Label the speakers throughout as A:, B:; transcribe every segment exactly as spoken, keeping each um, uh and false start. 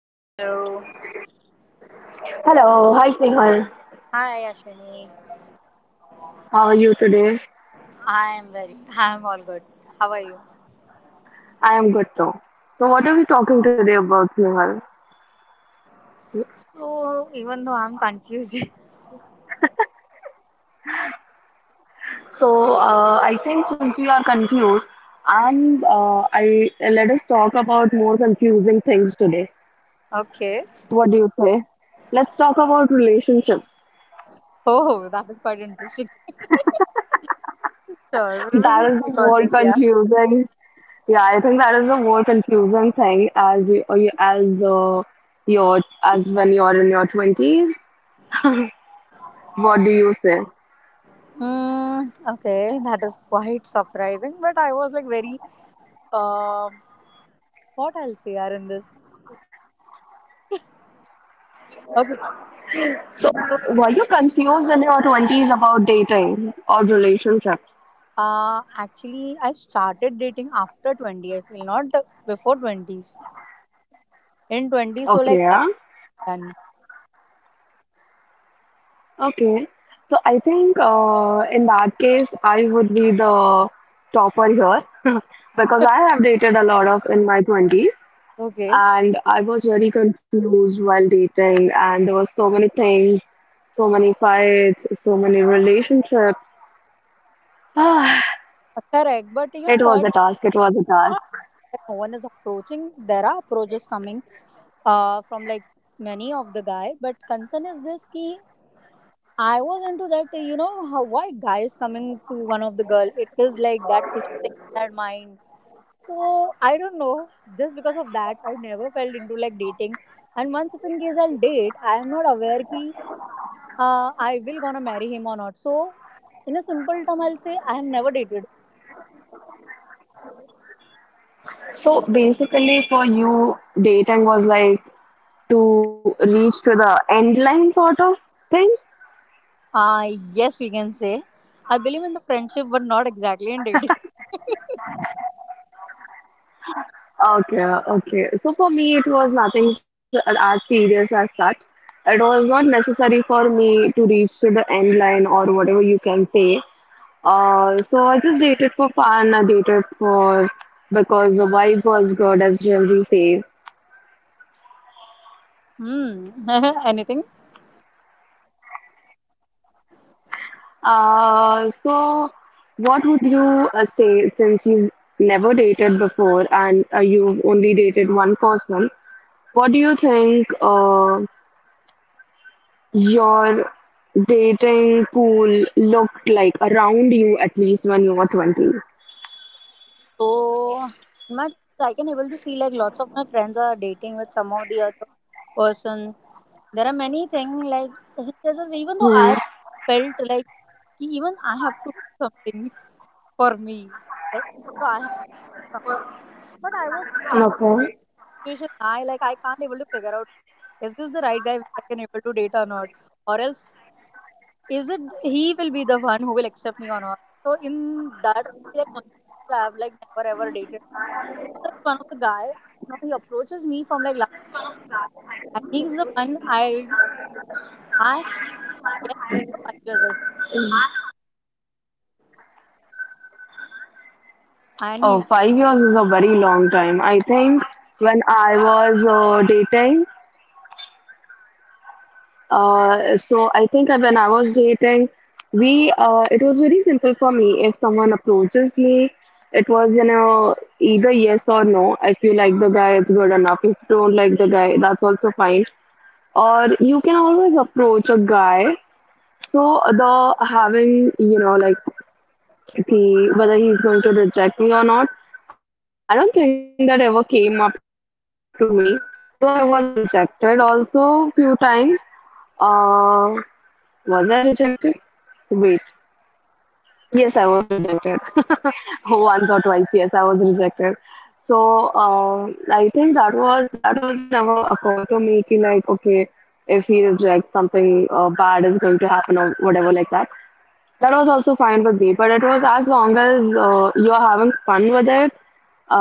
A: Hello.
B: Hello, hi Snehal.
A: Hi, Ashwini.
B: How are you today?
A: I'm very, I'm all good. How are you?
B: I am good too. So, what are we talking today about, Snehal?
A: So, even though I'm confused.
B: So, uh, I think since we are confused, and uh, I let us talk about more confusing things today.
A: Okay.
B: What do you say? Let's talk about relationships.
A: Oh, that is quite interesting. Sure, we
B: That
A: will
B: is the
A: speak on
B: more
A: this, yeah.
B: confusing. Yeah, I think that is the more confusing thing as you, or you- as uh, your as when you're in your twenties. What do you say?
A: Hmm. Okay, that is quite surprising, but I was like very, uh, what else here in this? Okay, fine.
B: So,
A: So,
B: were you confused in your twenties about dating or relationships?
A: uh, actually, I started dating after twenty, I feel, not before twenties. In twenty, so
B: Okay,
A: like, that's
B: yeah.
A: done.
B: Okay. So, I think uh, in that case, I would be the topper here because I have dated a lot of in my twenties
A: Okay.
B: and I was very confused while dating, and there were so many things, so many fights, so many relationships. It
A: Uh, Correct, but you know
B: was
A: what?
B: a task, it was a task.
A: That no one is approaching. There are approaches coming uh, from like many of the guy, but concern is this key. I was into that, uh, you know, how why guys coming to one of the girl. It is like that fish thing in their mind. So I don't know. Just because of that, I never felt into like dating. And once if in case I'll date, I am not aware ki uh, I will gonna marry him or not. So in a simple term, I'll say I have never dated.
B: So, basically, for you, dating was like to reach to the end line sort of thing?
A: Uh, yes, we can say. I believe in the friendship, but not exactly in dating.
B: Okay, okay. So for me, it was nothing s- as serious as such. It was not necessary for me to reach to the end line or whatever you can say. Uh, so I just dated for fun. I dated for because the vibe was good, as Gen Z say.
A: Hmm, anything.
B: Uh, so what would you uh, say since you've never dated before and uh, you've only dated one person? What do you think? Uh, your dating pool looked like around you at least when you were twenty?
A: So, in my twenties, I can able to see like lots of my friends are dating with some of the other person. There are many things like this even though I
B: Hmm.
A: felt like कि even I have to do something for me. Like so I have to do something. But I was in that situation. I like I can't able to figure out like, is this the right guy which I can able to date or not? Or else is it he will be the one who will accept me or not? So in that only the consequences I have like never ever dated. So that's one of the guy I don't know. He approaches me from like last, and he's the one I I get after five years. I and
B: Oh,
A: he
B: five years is a very long time. I think when I was uh, dating, uh, so I think when I was dating, we uh, it was very simple for me. If someone approaches me, it was you know either yes or no. If you like the guy, it's good enough. If you don't like the guy, that's also fine. Or you can always approach a guy. So the having you know like the whether he's going to reject me or not, I don't think that ever came up to me. Though I was rejected also few times. Uh, was I rejected? Wait, yes, I was rejected once or twice. Yes, I was rejected. So uh, I think that was that also never occurred to me. Ki, like okay, if he rejects something uh, bad is going to happen or whatever like that. That was also fine with me, but it was as long as uh, you're having fun with it,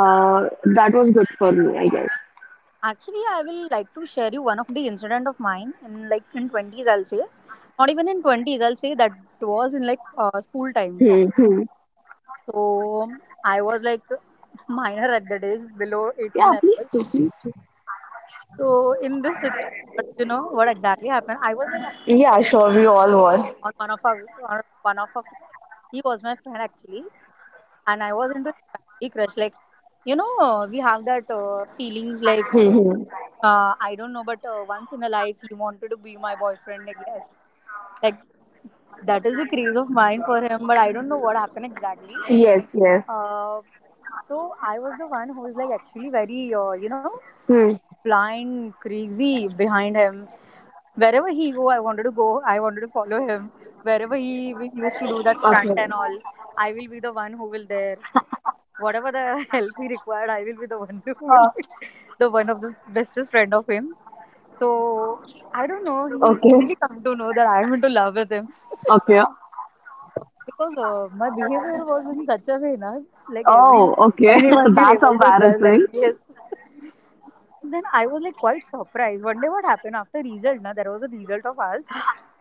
B: uh, that was good for me, I guess.
A: actually I will like to share you one of the incident of mine in like in twenties. I'll say not even in twenties. I'll say that was in like uh, school time.
B: Hmm, hmm.
A: So I was like minor at the days below eighteen.
B: Yeah, please do, please do.
A: So in this situation, what you know what exactly happened? I was like having
B: Yeah, sure, we all were.
A: a- on one of our on one of our friends. He was my friend actually, and I was into like badly crush. Like you know, we have that uh, feelings like
B: Hmm, hmm.
A: uh, I don't know, but uh, once in a life he wanted to be my boyfriend. I guess like that is a craze of mine for him, but I don't know what happened exactly.
B: Yes, yes.
A: Uh, so I was the one who is like actually very, uh, you know,
B: Hmm.
A: blind, crazy behind him. Wherever he go, I wanted to go. I wanted to follow him. Wherever he we used to do that stunt
B: Okay.
A: and all, I will be the one who will there. Whatever the help he required, I will be the one who will
B: Uh,
A: the one of the bestest friend of him. So I don't know. He
B: okay.
A: easily come to know that I am into love with him.
B: Okay.
A: Okay, because uh, my behavior was in such a way na like every
B: Oh, okay.
A: anyone can
B: That's
A: able to judge like
B: embarrassing.
A: yes. Then I was like quite surprised one day what happened after result na. There was a result of ours,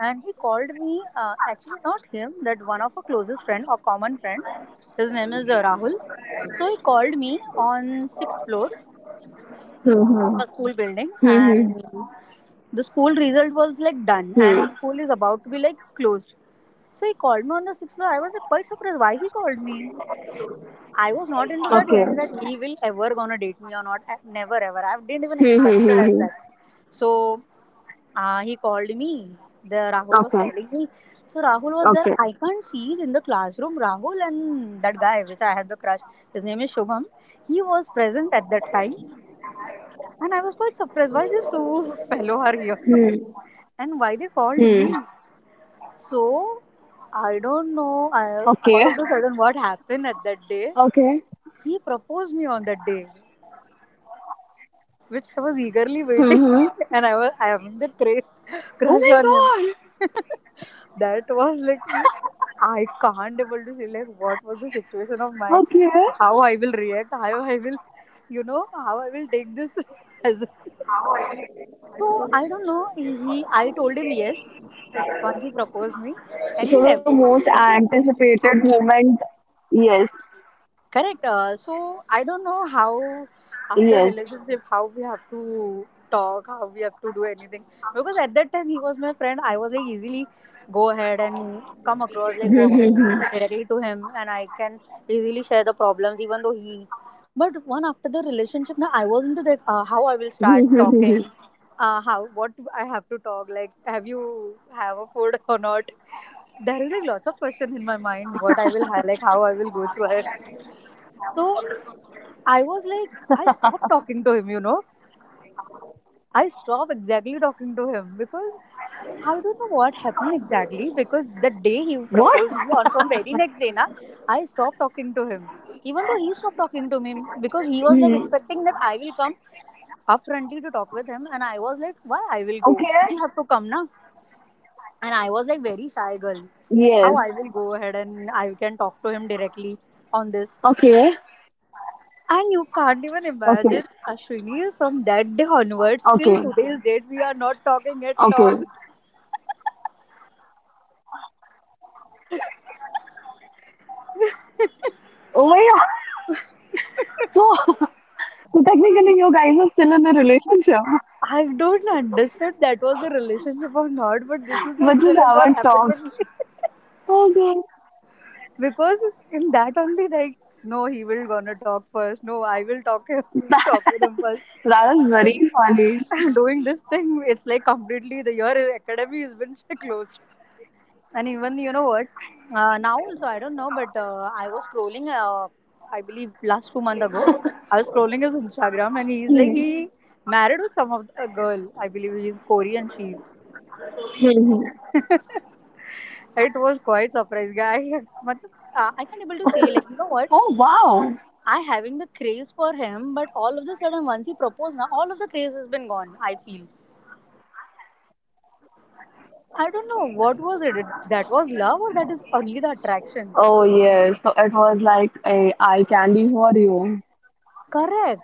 A: and he called me, uh, actually not him, that one of our closest friend or common friend. His name is uh, Rahul. So he called me on sixth floor
B: Mm-hmm.
A: of a school building,
B: Hmm,
A: and the school result was like
B: hmm,
A: done
B: hmm. Hmm.
A: and school is about to be like closed. So he called me on the sixth floor. I was like quite surprised why he called me. I was not into that
B: Okay.
A: hint that he will ever gonna date me or not. I- Never ever. I didn't
B: Hmm,
A: even
B: hmm,
A: expect
B: hmm,
A: it
B: hmm.
A: as that. So uh, he called me. The Rahul was
B: Okay.
A: calling me. So Rahul was
B: Okay.
A: there. I can't see it in the classroom. Rahul and that guy, which I had the crush. His name is Shubham. He was present at that time, and I was quite surprised. Why these two fellow are here?
B: Hmm.
A: And why they called
B: Hmm.
A: me? So I don't know. I, all
B: Okay.
A: of a sudden, what happened at that day?
B: Okay.
A: He proposed me on that day, which I was eagerly waiting,
B: Hmm. Hmm.
A: and I was I having that cra-
B: Oh
A: crush on him.
B: my god.
A: That was like I can't able to say like what was the situation of mine,
B: Okay.
A: how I will react, how I will, you know, how I will take this as. So I don't know. He, he I told him yes once he proposed me, and we
B: So
A: left.
B: the most
A: Okay.
B: anticipated moment. Yes.
A: Correct. Uh, so I don't know how after
B: Yes.
A: relationship how we have to talk, how we have to do anything, because at that time he was my friend. I was like easily go ahead and come across like walk in directly to him and I can easily share the problems even though he. But one after the relationship now I was into like uh, how I will start talking. Uh, how what I have to talk like have you have a food or not. There is like lots of question in my mind what I will have like how I will go through it. So I was like, I stopped talking to him, you know. I stopped exactly talking to him because I don't know what happened exactly, because the
B: What?
A: day he proposed me on from very next day, na, I stopped talking to him. Even though he stopped talking to me because
B: Hmm.
A: he was like expecting that I will come upfrontly to talk with him and I was like, why I will
B: Okay.
A: go? He have to come na. And I was like very shy girl.
B: Yes.
A: How I will go ahead and I can talk to him directly on this.
B: Okay.
A: And you can't even imagine,
B: Okay.
A: Ashwini, from that day onwards till
B: Okay.
A: today's date, we are not talking at all.
B: Okay. Oh my god. So, so technically you guys are still in a relationship,
A: I don't understand that was the relationship or not, but this is the
B: but just
A: incident what
B: haven't
A: happened
B: talked.
A: with me.
B: Okay.
A: Because in that only, like, no, he will gonna talk first. No, I will talk him,
B: That,
A: talk with him first.
B: that is
A: Like,
B: very funny.
A: doing this thing, it's like completely the your academy has been closed. And even you know what? Uh, now also I don't know, but uh, I was scrolling. Uh, I believe last two months ago, I was scrolling his Instagram, and he's like he married with some of a girl. I believe he's Korean. She's. It was quite surprise, guy. But uh, I can't able to say like you know what?
B: Oh wow.
A: I having the craze for him, but all of the sudden once he proposed, now all of the craze has been gone, I feel. I don't know what was it. It- That was love, or that is only the attraction.
B: Oh yes, so it was like a eye candy for you.
A: Correct.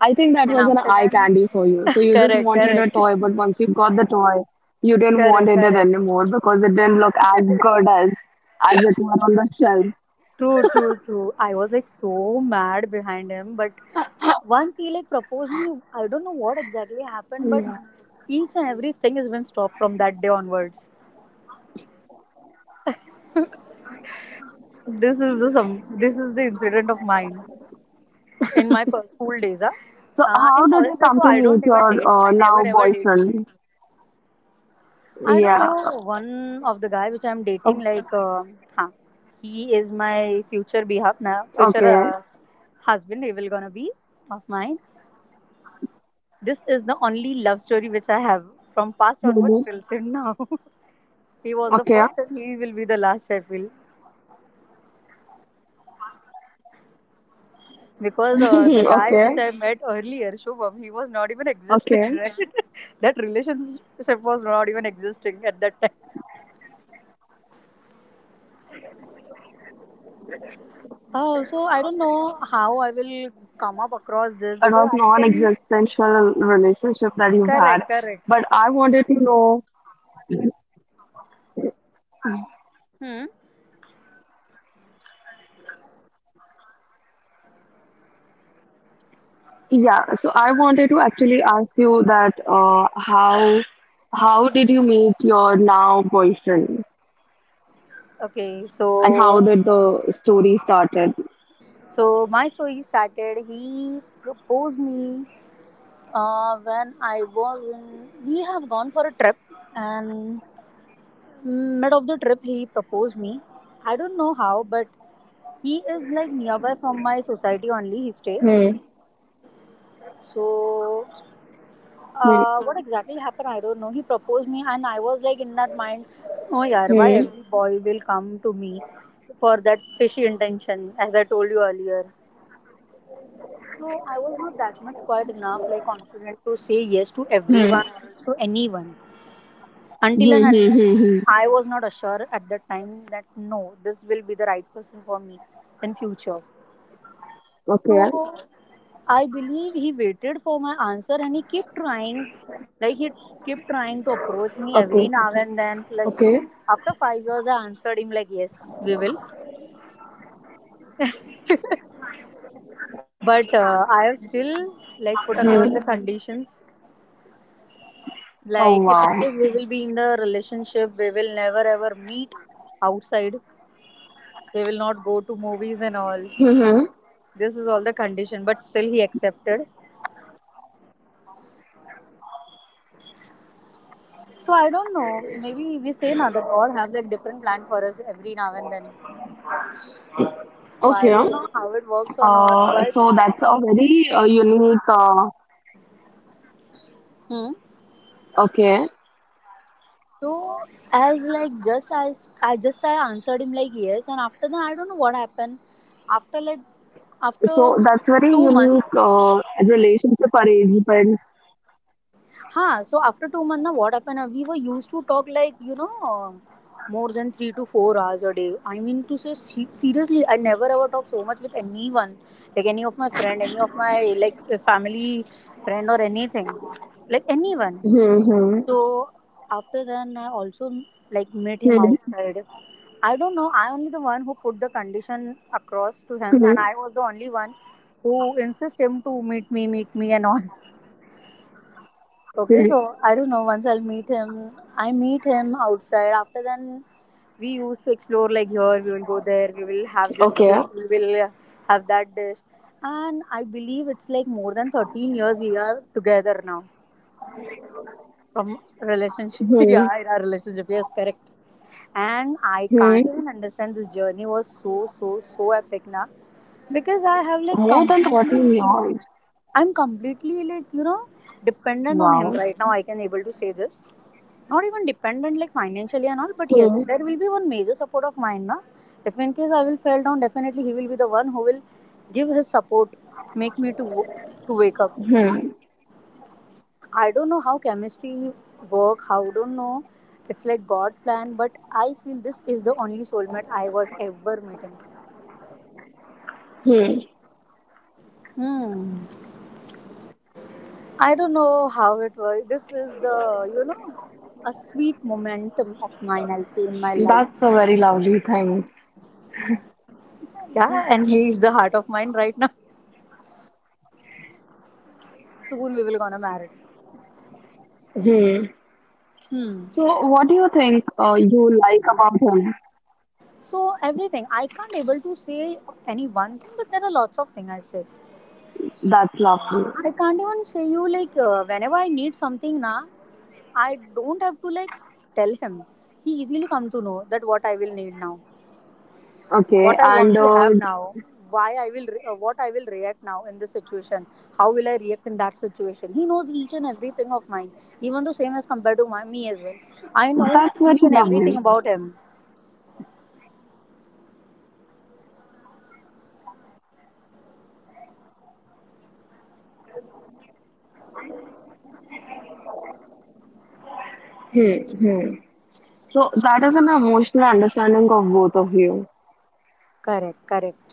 B: I think that
A: And
B: was an
A: after
B: eye
A: then,
B: candy for you. So you just
A: correct,
B: wanted a
A: correct,
B: toy, but once you got the toy, you didn't want
A: correct,
B: it
A: correct.
B: anymore because it didn't look as good as as it were on the shelf.
A: True, true, true. I was like so mad behind him, but once he like proposed me, I don't know what exactly
B: Yeah.
A: happened, but each and everything has been stopped from that day onwards. This is the some. This is the incident of mine in my co- school days. Ah,
B: So
A: Uh, in
B: how did
A: college,
B: you
A: also
B: come to
A: I don't
B: meet
A: even
B: your
A: date.
B: uh,
A: I never
B: now
A: ever date.
B: boyfriend?
A: I don't
B: Yeah.
A: know one of the guy which I'm dating.
B: Oh,
A: Like, uh, huh, he is my future behalf now, future
B: okay.
A: uh, husband. He will gonna be of mine. This is the only love story which I have from past
B: Mhm.
A: onwards till till now. He was the
B: Okay.
A: first, and he will be the last, I feel, because uh, the guy which
B: Okay.
A: I met earlier, Shubham, he was not even existing.
B: Okay.
A: Right, that relationship was not even existing at that time. Oh, so I don't know how I will come up across this
B: It
A: because
B: was
A: I can.
B: non-existential relationship that you've
A: Correct,
B: had,
A: correct.
B: but I wanted to know.
A: Hmm.
B: Yeah, so I wanted to actually ask you that uh, how how did you meet your now boyfriend
A: Okay,
B: and how
A: so
B: did the story started?
A: so my story started. He proposed me uh, when I was in. We have gone for a trip, and mid of the trip he proposed me. I don't know how, but he is like nearby from my society only. He stay.
B: Hmm.
A: So
B: Hmm.
A: Uh, what exactly happened? I don't know. He proposed me, and I was like in that mind, oh yeah, why
B: Hmm.
A: every boy will come to me for that fishy intention, as I told you earlier. So I was not that much quite enough, like confident to say yes to everyone
B: Hmm.
A: or else to anyone until
B: Hmm,
A: and
B: hmm,
A: unless
B: hmm, hmm.
A: I was not assured at that time that no, this will be the right person for me in future.
B: Okay.
A: So I believe he waited for my answer and he kept trying, like he kept trying to approach me
B: Okay.
A: every now and then. Like
B: Okay.
A: after five years, I answered him like, "Yes, we will," but uh, I have still like put
B: Hmm.
A: across the conditions.
B: Oh
A: Like if in
B: wow.
A: case we will be in the relationship, we will never ever meet outside. We will not go to movies and all.
B: Hmm.
A: This is all the condition, but still he accepted. So I don't know. Maybe we say now that God have like different plan for us every now and then. So I
B: Okay.
A: don't know how it works or not,
B: Uh,
A: but
B: so that's a very uh, unique. Uh,
A: hmm.
B: okay.
A: So as like just I s- I just I answered him like yes, and after that I don't know what happened. After like
B: So
A: after
B: that's very
A: two
B: unique
A: months,
B: uh, relationship arrangement.
A: huh? So after two months, now what happened? uh, We were used to talk like you know more than three to four hours a day. I mean to say se- seriously, I never ever talk so much with anyone, like any of my friend, any of my like family friend or anything, like anyone.
B: Hmm. Hmm.
A: So after then, I also like met him outside. I don't know. I only the one who put the condition across to him,
B: Hmm.
A: and I was the only one who insist him to meet me, meet me, and all. Okay,
B: Hmm.
A: so I don't know. Once I'll meet him, I meet him outside. After then, we used to explore like here we will go there, we will have this
B: Okay.
A: dish, we will uh, have that dish, and I believe it's like more than thirteen years we are together now. From relationship.
B: Hmm.
A: Yeah, in our relationship, yes, correct. And I can't
B: Hmm.
A: even understand, this journey was so so so epic now, because I have like
B: More than
A: completely
B: fourteen
A: you know
B: years.
A: I'm completely like you know dependent on him
B: Wow.
A: right now, I can able to say this. Not even dependent like financially and all, but yes,
B: Hmm.
A: there will be one major support of mine na. If in case I will fall down, definitely he will be the one who will give his support, make me to wo-
B: Hmm.
A: to wake up. I don't know how chemistry work. How don't know. It's like God plan, but I feel this is the only soulmate I was ever meeting.
B: Hmm.
A: Hmm. I don't know how it was. This is the you know a sweet momentum of mine, I'll say, in
B: That's
A: my
B: a very
A: life.
B: lovely thing.
A: Yeah, and he is the heart of mine right now. Soon we will gonna marry.
B: Hmm.
A: Hmm.
B: So, what do you think uh, you like about him?
A: So everything, I can't able to say any one thing, but there are lots of things I say.
B: That's lovely.
A: I can't even say you like uh, whenever I need something na, I don't have to like tell him. He easily come to know that what I will need now, what I
B: Okay.
A: want to
B: And
A: have
B: uh,
A: now, why I will re- uh, what I will react now in this situation, how will I react in that situation. He knows each and everything of mine, even though same as compared to my, me as well. I know
B: that's very
A: each and everything
B: lovely.
A: about him.
B: Hmm. Hmm. So, that is an emotional understanding of both of you.
A: Correct, correct.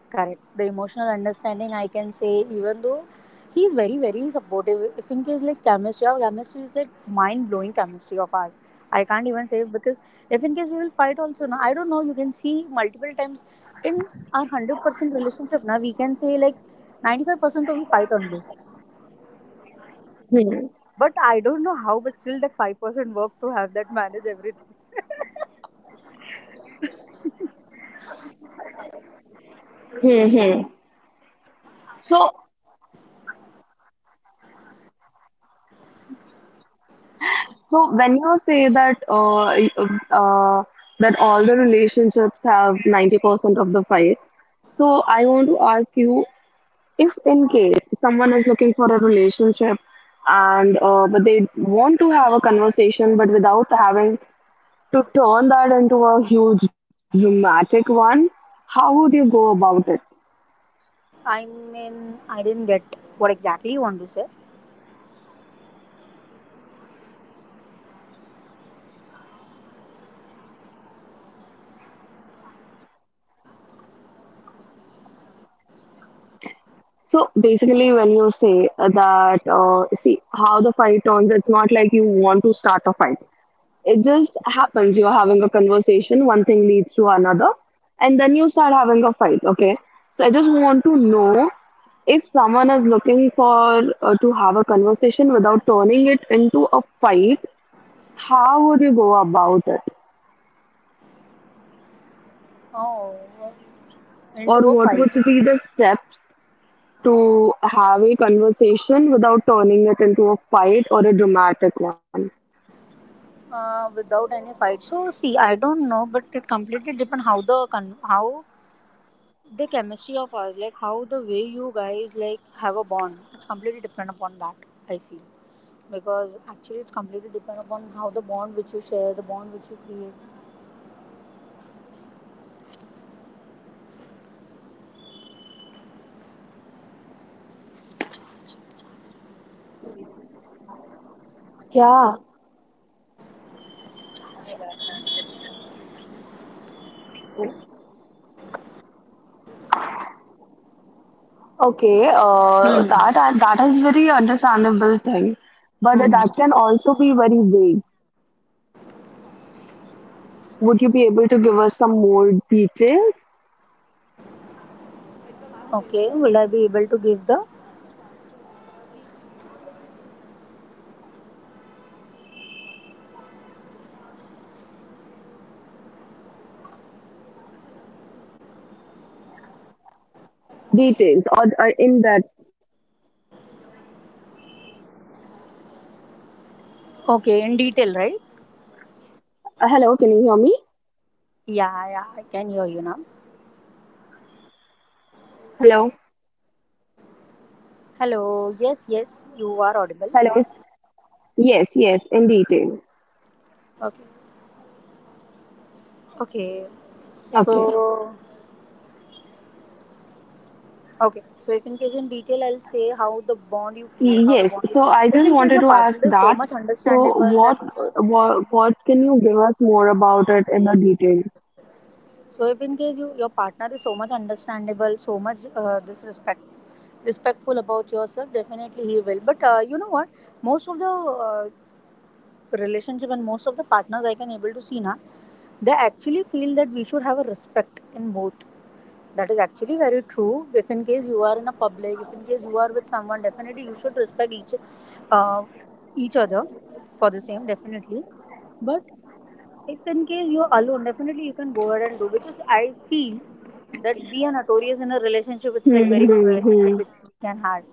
A: Correct. The emotional understanding, I can say, even though he's very, very supportive. If in case like chemistry, our chemistry is like mind blowing chemistry of ours. I can't even say because if in case we will fight also, na, I don't know, you can see multiple times in our one hundred percent relationship, now we can say like ninety-five percent of we fight only.
B: Hmm.
A: But I don't know how, but still that five percent work to have that manage everything.
B: Hmm. Hmm. So, So when you say that uh, y- uh, uh, that all the relationships have ninety percent of the fights, so I want to ask you if in case someone is looking for a relationship and uh, but they want to have a conversation but without having to turn that into a huge dramatic one, how would you go about it?
A: I mean, I didn't get what exactly you want to say.
B: So basically, when you say that, uh, see how the fight turns, it's not like you want to start a fight. It just happens. You're having a conversation, one thing leads to another, and then you start having a fight. Okay. So I just want to know if someone is looking for uh, to have a conversation without turning it into a fight, how would you go about it?
A: Oh, into
B: Or
A: a
B: what would
A: fight.
B: be the steps to have a conversation without turning it into a fight or a dramatic one?
A: Uh, without any fight. So see, I don't know, but it completely depends how the con- how the chemistry of us, like how the way you guys like have a bond. It's completely depend upon that. I feel because actually it's completely depend upon how the bond which you share, the bond which you create.
B: Yeah. Okay, uh,
A: Hmm.
B: that that is very understandable thing, but
A: Hmm.
B: that can also be very vague. Would you be able to give us some more details?
A: Okay, will I be able to give the
B: Details or uh, in that?
A: okay in detail, right?
B: Uh, hello, can you hear me?
A: Yeah, yeah, I can hear you now.
B: Hello,
A: Hello. Yes, yes, you are
B: hello.
A: audible.
B: Yes, yes, in detail.
A: Okay. Okay.
B: Okay.
A: So okay, so if in case in detail, I'll say how the bond you create,
B: Y-
A: how the
B: Yes.
A: bond. You,
B: So I
A: if
B: just
A: in case
B: wanted
A: your
B: to ask
A: partner is so
B: that.
A: much
B: So
A: understandable that,
B: what what what can you give us more about it in the detail?
A: so if in case you your partner is so much understandable, so much uh, this respect, respectful about yourself, definitely he will. But uh, you know what? Most of the uh, relationship and most of the partners I can able to see now, they actually feel that we should have a respect in both. That is actually very true. If in case you are in a public, if in case you are with someone, definitely you should respect each uh, each other for the same, definitely. But if in case you're alone, definitely you can go ahead and do because I feel that we are notorious in a relationship. It's like
B: Hmm,
A: very good
B: hmm,
A: relationship
B: hmm,
A: which we can have,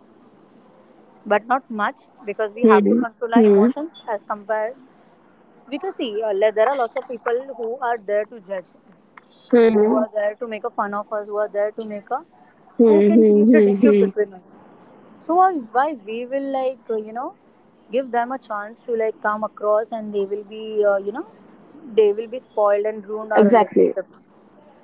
A: but not much because we
B: hmm,
A: have to control our
B: hmm,
A: emotions as compared. Because see, uh, there are lots of people who are there to judge us,
B: hmm,
A: who are there to make a fun of us, who are there to make a
B: hmm,
A: who
B: hmm,
A: can
B: hmm.
A: create the
B: Hmm.
A: dispute between us. So why why we will like uh, you know give them a chance to like come across and they will be uh, you know they will be spoiled and ruined our
B: Exactly.
A: relationship.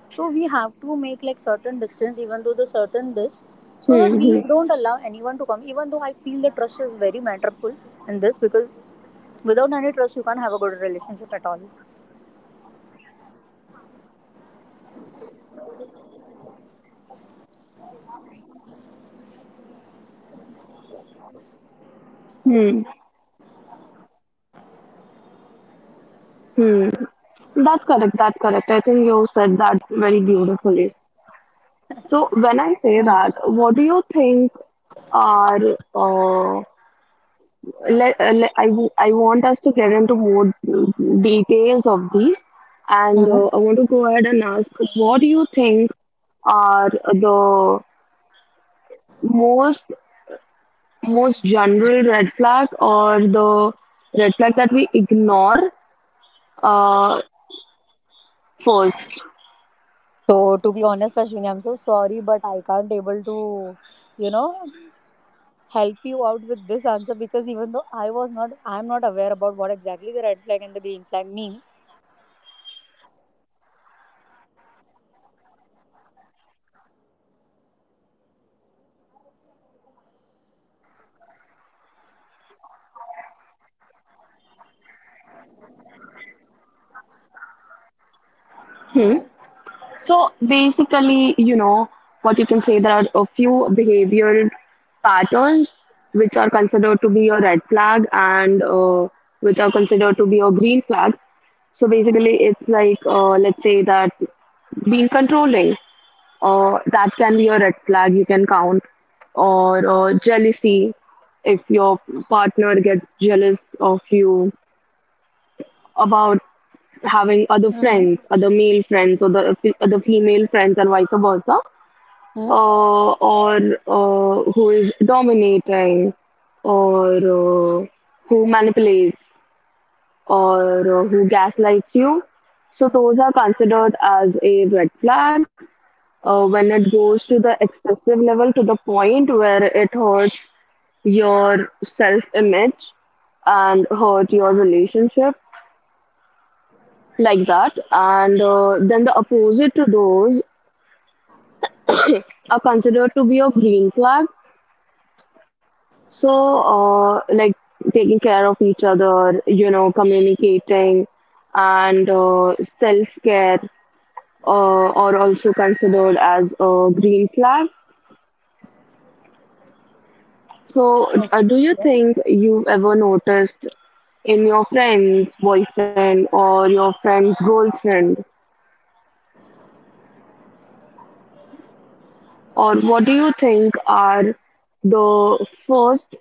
A: So we have to make like certain distance even though the certain this, so that
B: Hmm,
A: we
B: hmm,
A: don't allow anyone to come. Even though I feel the trust is very matterful in this, because without any trust you can't have a good relationship at all.
B: hmm, hmm. That's correct. That's correct. I think you said that very beautifully. So when I say that, what do you think are uh, le- uh, le- I, w- I want us to get into more details of these, and uh, I want to go ahead and ask, what do you think are the most most general red flag or the red flag that we ignore uh, first?
A: So to be honest, Ashwini, I'm so sorry, but I can't able to, you know, help you out with this answer, because even though I was not, I'm not aware about what exactly the red flag and the green flag means.
B: Hmm? So basically, you know, what you can say, there are a few behavioral patterns which are considered to be a red flag and uh, which are considered to be a green flag. So basically, it's like, uh, let's say that being controlling, uh, that can be a red flag you can count, or uh, jealousy if your partner gets jealous of you about having other friends,
A: Mm-hmm.
B: other male friends, or the fe- other female friends, and vice versa,
A: Hmm.
B: uh, or uh, who is dominating, or uh, who manipulates, or uh, who gaslights you. So those are considered as a red flag. Uh, when it goes to the excessive level, to the point where it hurts your self image and hurt your relationship like that. And uh, then the opposite to those are considered to be a green flag. So, uh, like taking care of each other, you know, communicating and uh, self care uh, are also considered as a green flag. So,
A: Okay.
B: uh, do you think you've ever noticed in your friend's boyfriend or your friend's girlfriend, or what do you think are the first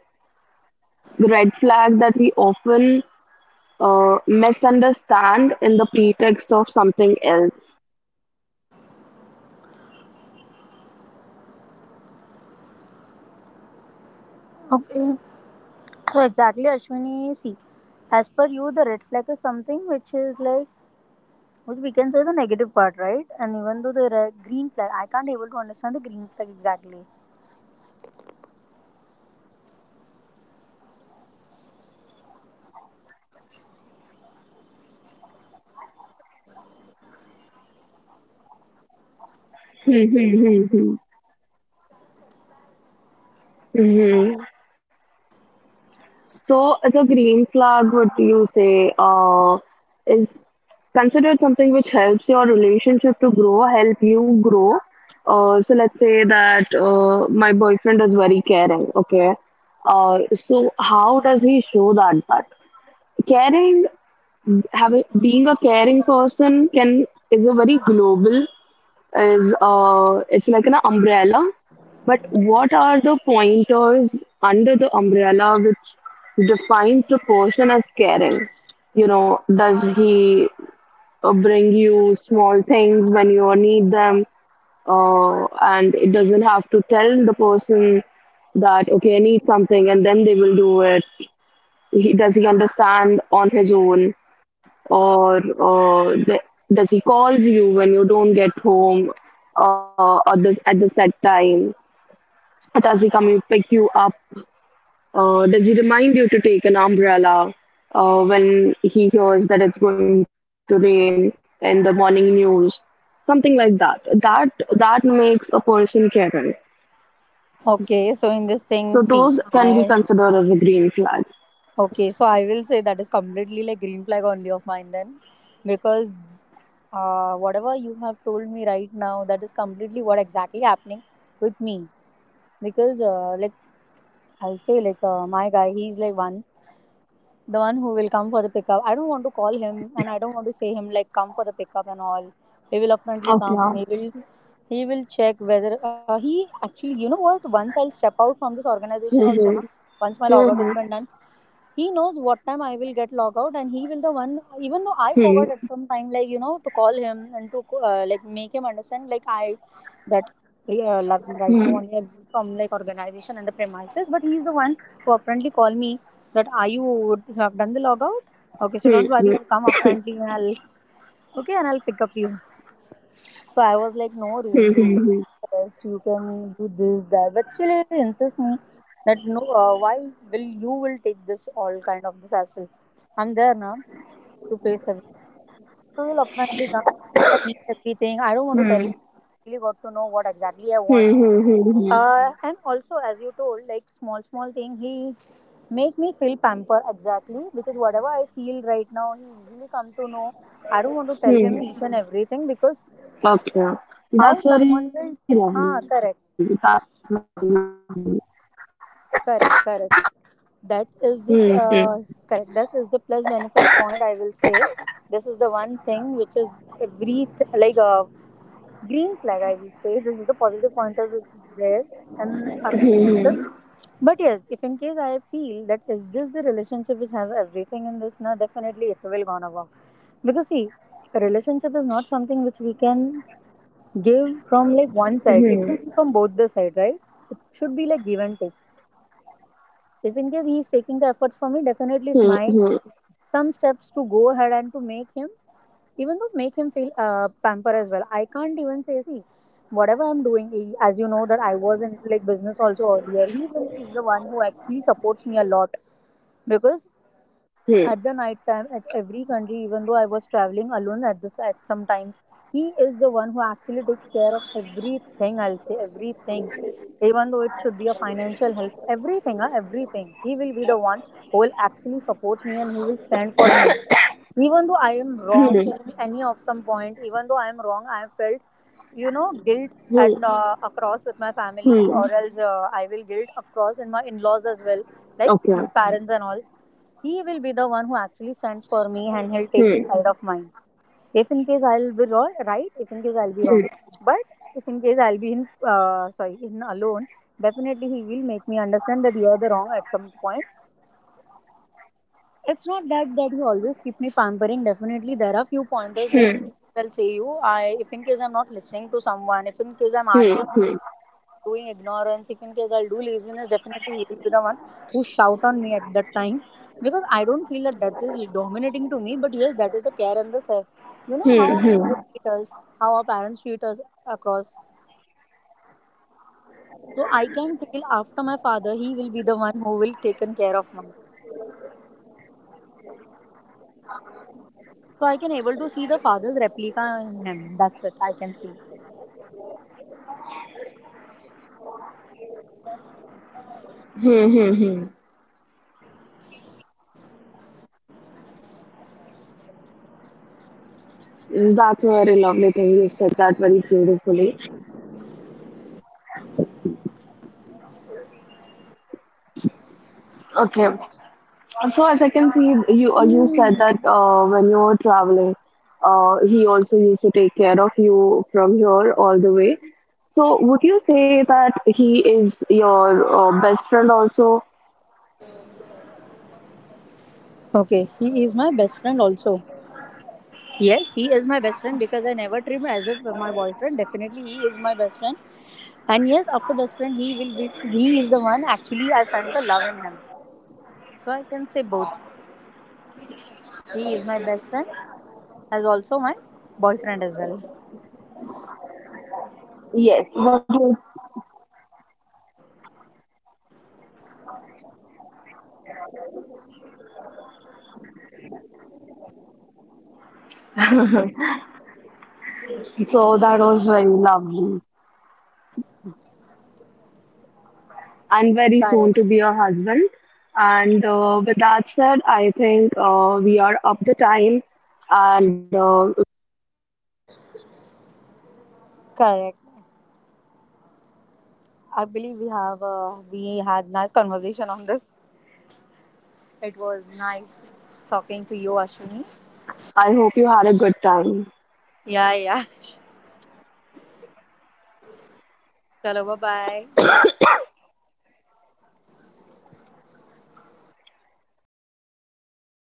B: red flag that we often uh, misunderstand in the pretext of something else.
A: Okay. So exactly, Ashwini, see, as per you, the red flag is something which is like, which we can say the negative part, right? And even though the red, green flag, I can't able to understand the green flag exactly.
B: Hmm, hmm, hmm, hmm. Mhm. So, as a green flag, would you say uh, is considered something which helps your relationship to grow, help you grow? Uh, so, let's say that uh, my boyfriend is very caring, okay? Uh, so, how does he show that? But caring, having, being a caring person can is a very global is uh, it's like an umbrella. But what are the pointers under the umbrella which defines the person as caring? You know, does he uh, bring you small things when you need them? Uh, and it doesn't have to tell the person that, okay, I need something, and then they will do it. He, does he understand on his own, or uh, th- does he calls you when you don't get home uh, at the at the set time? Does he come and pick you up? Uh, does he remind you to take an umbrella uh, when he hears that it's going to rain in the morning news? Something like that. That that makes a person caring.
A: Okay, so in this thing,
B: So
A: see,
B: those can be
A: I
B: considered as a green flag.
A: okay, so I will say that is completely like green flag only of mine then, because uh, whatever you have told me right now, that is completely what exactly happening with me. Because uh, like I'll say like uh, my guy, he's like one the one who will come for the pickup. I don't want to call him and I don't want to say him like come for the pickup and all. He will upfrontly come.
B: Okay.
A: He will he will check whether uh, he actually you know what once I'll step out from this organization also now,
B: Mm-hmm.
A: once my logout has
B: Hmm,
A: been done, he knows what time I will get log out, and he will the one even though I forgot
B: hmm,
A: at some time like you know to call him and to uh, like make him understand like I that uh, like,
B: hmm,
A: right now only I'm from like organization and the premises, but he's the one who apparently call me that are you would you have done the logout? Okay, so
B: hmm,
A: don't worry, I'll come up friendly, and I'll okay and I'll pick up you. So I was like, no,
B: Hmm,
A: Ray, you can do the
B: hmm,
A: rest, you can do this, that, but still he insists me that no, uh, why will you will take this all kind of this hassle? I'm there now to face everything. So he'll upfrontly come. I need everything. I don't want to tell
B: hmm,
A: him. I really got to know what exactly I
B: hmm,
A: want,
B: hmm, hmm, hmm,
A: uh, and also, as you told, like small, small thing, he make me feel pamper exactly because whatever I feel right now, he usually come to know. I don't want to tell
B: hmm,
A: him each
B: hmm.
A: and everything because
B: Okay. Okay.
A: how
B: That's very
A: someone will,
B: lovely. That's
A: huh?
B: very
A: Correct,
B: lovely.
A: correct,
B: Hmm,
A: correct.
B: hmm,
A: That is this. Uh, correct. This is the plus benefit point, I will say. This is the one thing which is every th- like a green flag, I will say. This is the positive pointers is there
B: hmm,
A: in our relationship. But yes, if in case I feel that is this the relationship which has everything in this, now definitely it will gonna work. Because see, a relationship is not something which we can
B: hmm,
A: give
B: hmm,
A: from like one side. It will be from both the side, right? It should be like give and take. If in case he is taking
B: hmm,
A: the efforts
B: hmm,
A: for me, definitely it's my some steps to go ahead and to make him, even though make him feel uh, pamper as well. I can't even say, see, whatever I'm doing, he- as you know that I was in like business also earlier. He will is the one who actually supports me a lot, because at the night time at every country, even though I was traveling alone at this at sometimes, he is the one who actually takes care of everything, I'll say everything, even though it should be a financial help, everything, huh? Everything, he will be the one who will actually supports me and he will stand for me, even though I am wrong
B: hmm,
A: in any of some point, even though I am wrong. I have felt you know guilt at
B: hmm,
A: uh, across with my
B: hmm,
A: family, or
B: hmm.
A: else uh, I will guilt across in my in-laws as well, like
B: Okay.
A: his parents and all. He will be the one who actually stands for me and he'll take the
B: Hmm,
A: side of mine. If in case I'll be wrong, right, if in case I'll be wrong.
B: hmm,
A: But if in case I'll be in, uh, sorry, in alone, definitely he will make me understand that you're the wrong at some point. It's not that that he always keep me pampering. Definitely, there are few pointers
B: hmm,
A: like
B: hmm,
A: if in case I'll say you, I if in case I'm not listening to someone, if in case I'm
B: hmm,
A: arguing,
B: hmm, hmm,
A: doing ignorance, if in case I'll do laziness, definitely he will be the one who shout on me at that time, because I don't feel that that is dominating to me. But yes, that is the care and the self. You know how
B: hmm,
A: our
B: hmm,
A: mother treat us, how our parents treat us across. So I can feel after my father, he will be the one who will taken care of mom. So I can able to see the father's replica in him. That's it, I can see.
B: hmm. That's a very lovely thing. You said that very beautifully. Okay. So as I can see, you uh, you said that uh, when you were traveling, uh, he also used to take care of you from here all the way. So would you say that he is your uh, best friend also?
A: Okay, he is my best friend also. Yes, he is my best friend, because I never treat him as if my boyfriend. Definitely, he is my best friend. And yes, after best friend, he will be. He is the one. Actually, I find the love in him. So I can say both. He is my best friend, as also my boyfriend as well.
B: Yes. What was. So that was very lovely and very soon
A: Correct.
B: to be a husband. And uh, with that said, I think uh, we are up the time, and uh,
A: Correct. I believe we have uh, we had nice conversation on this. It was nice talking to you, Ashwini.
B: I hope you had a good time.
A: Yeah, yeah. Chalo, bye bye.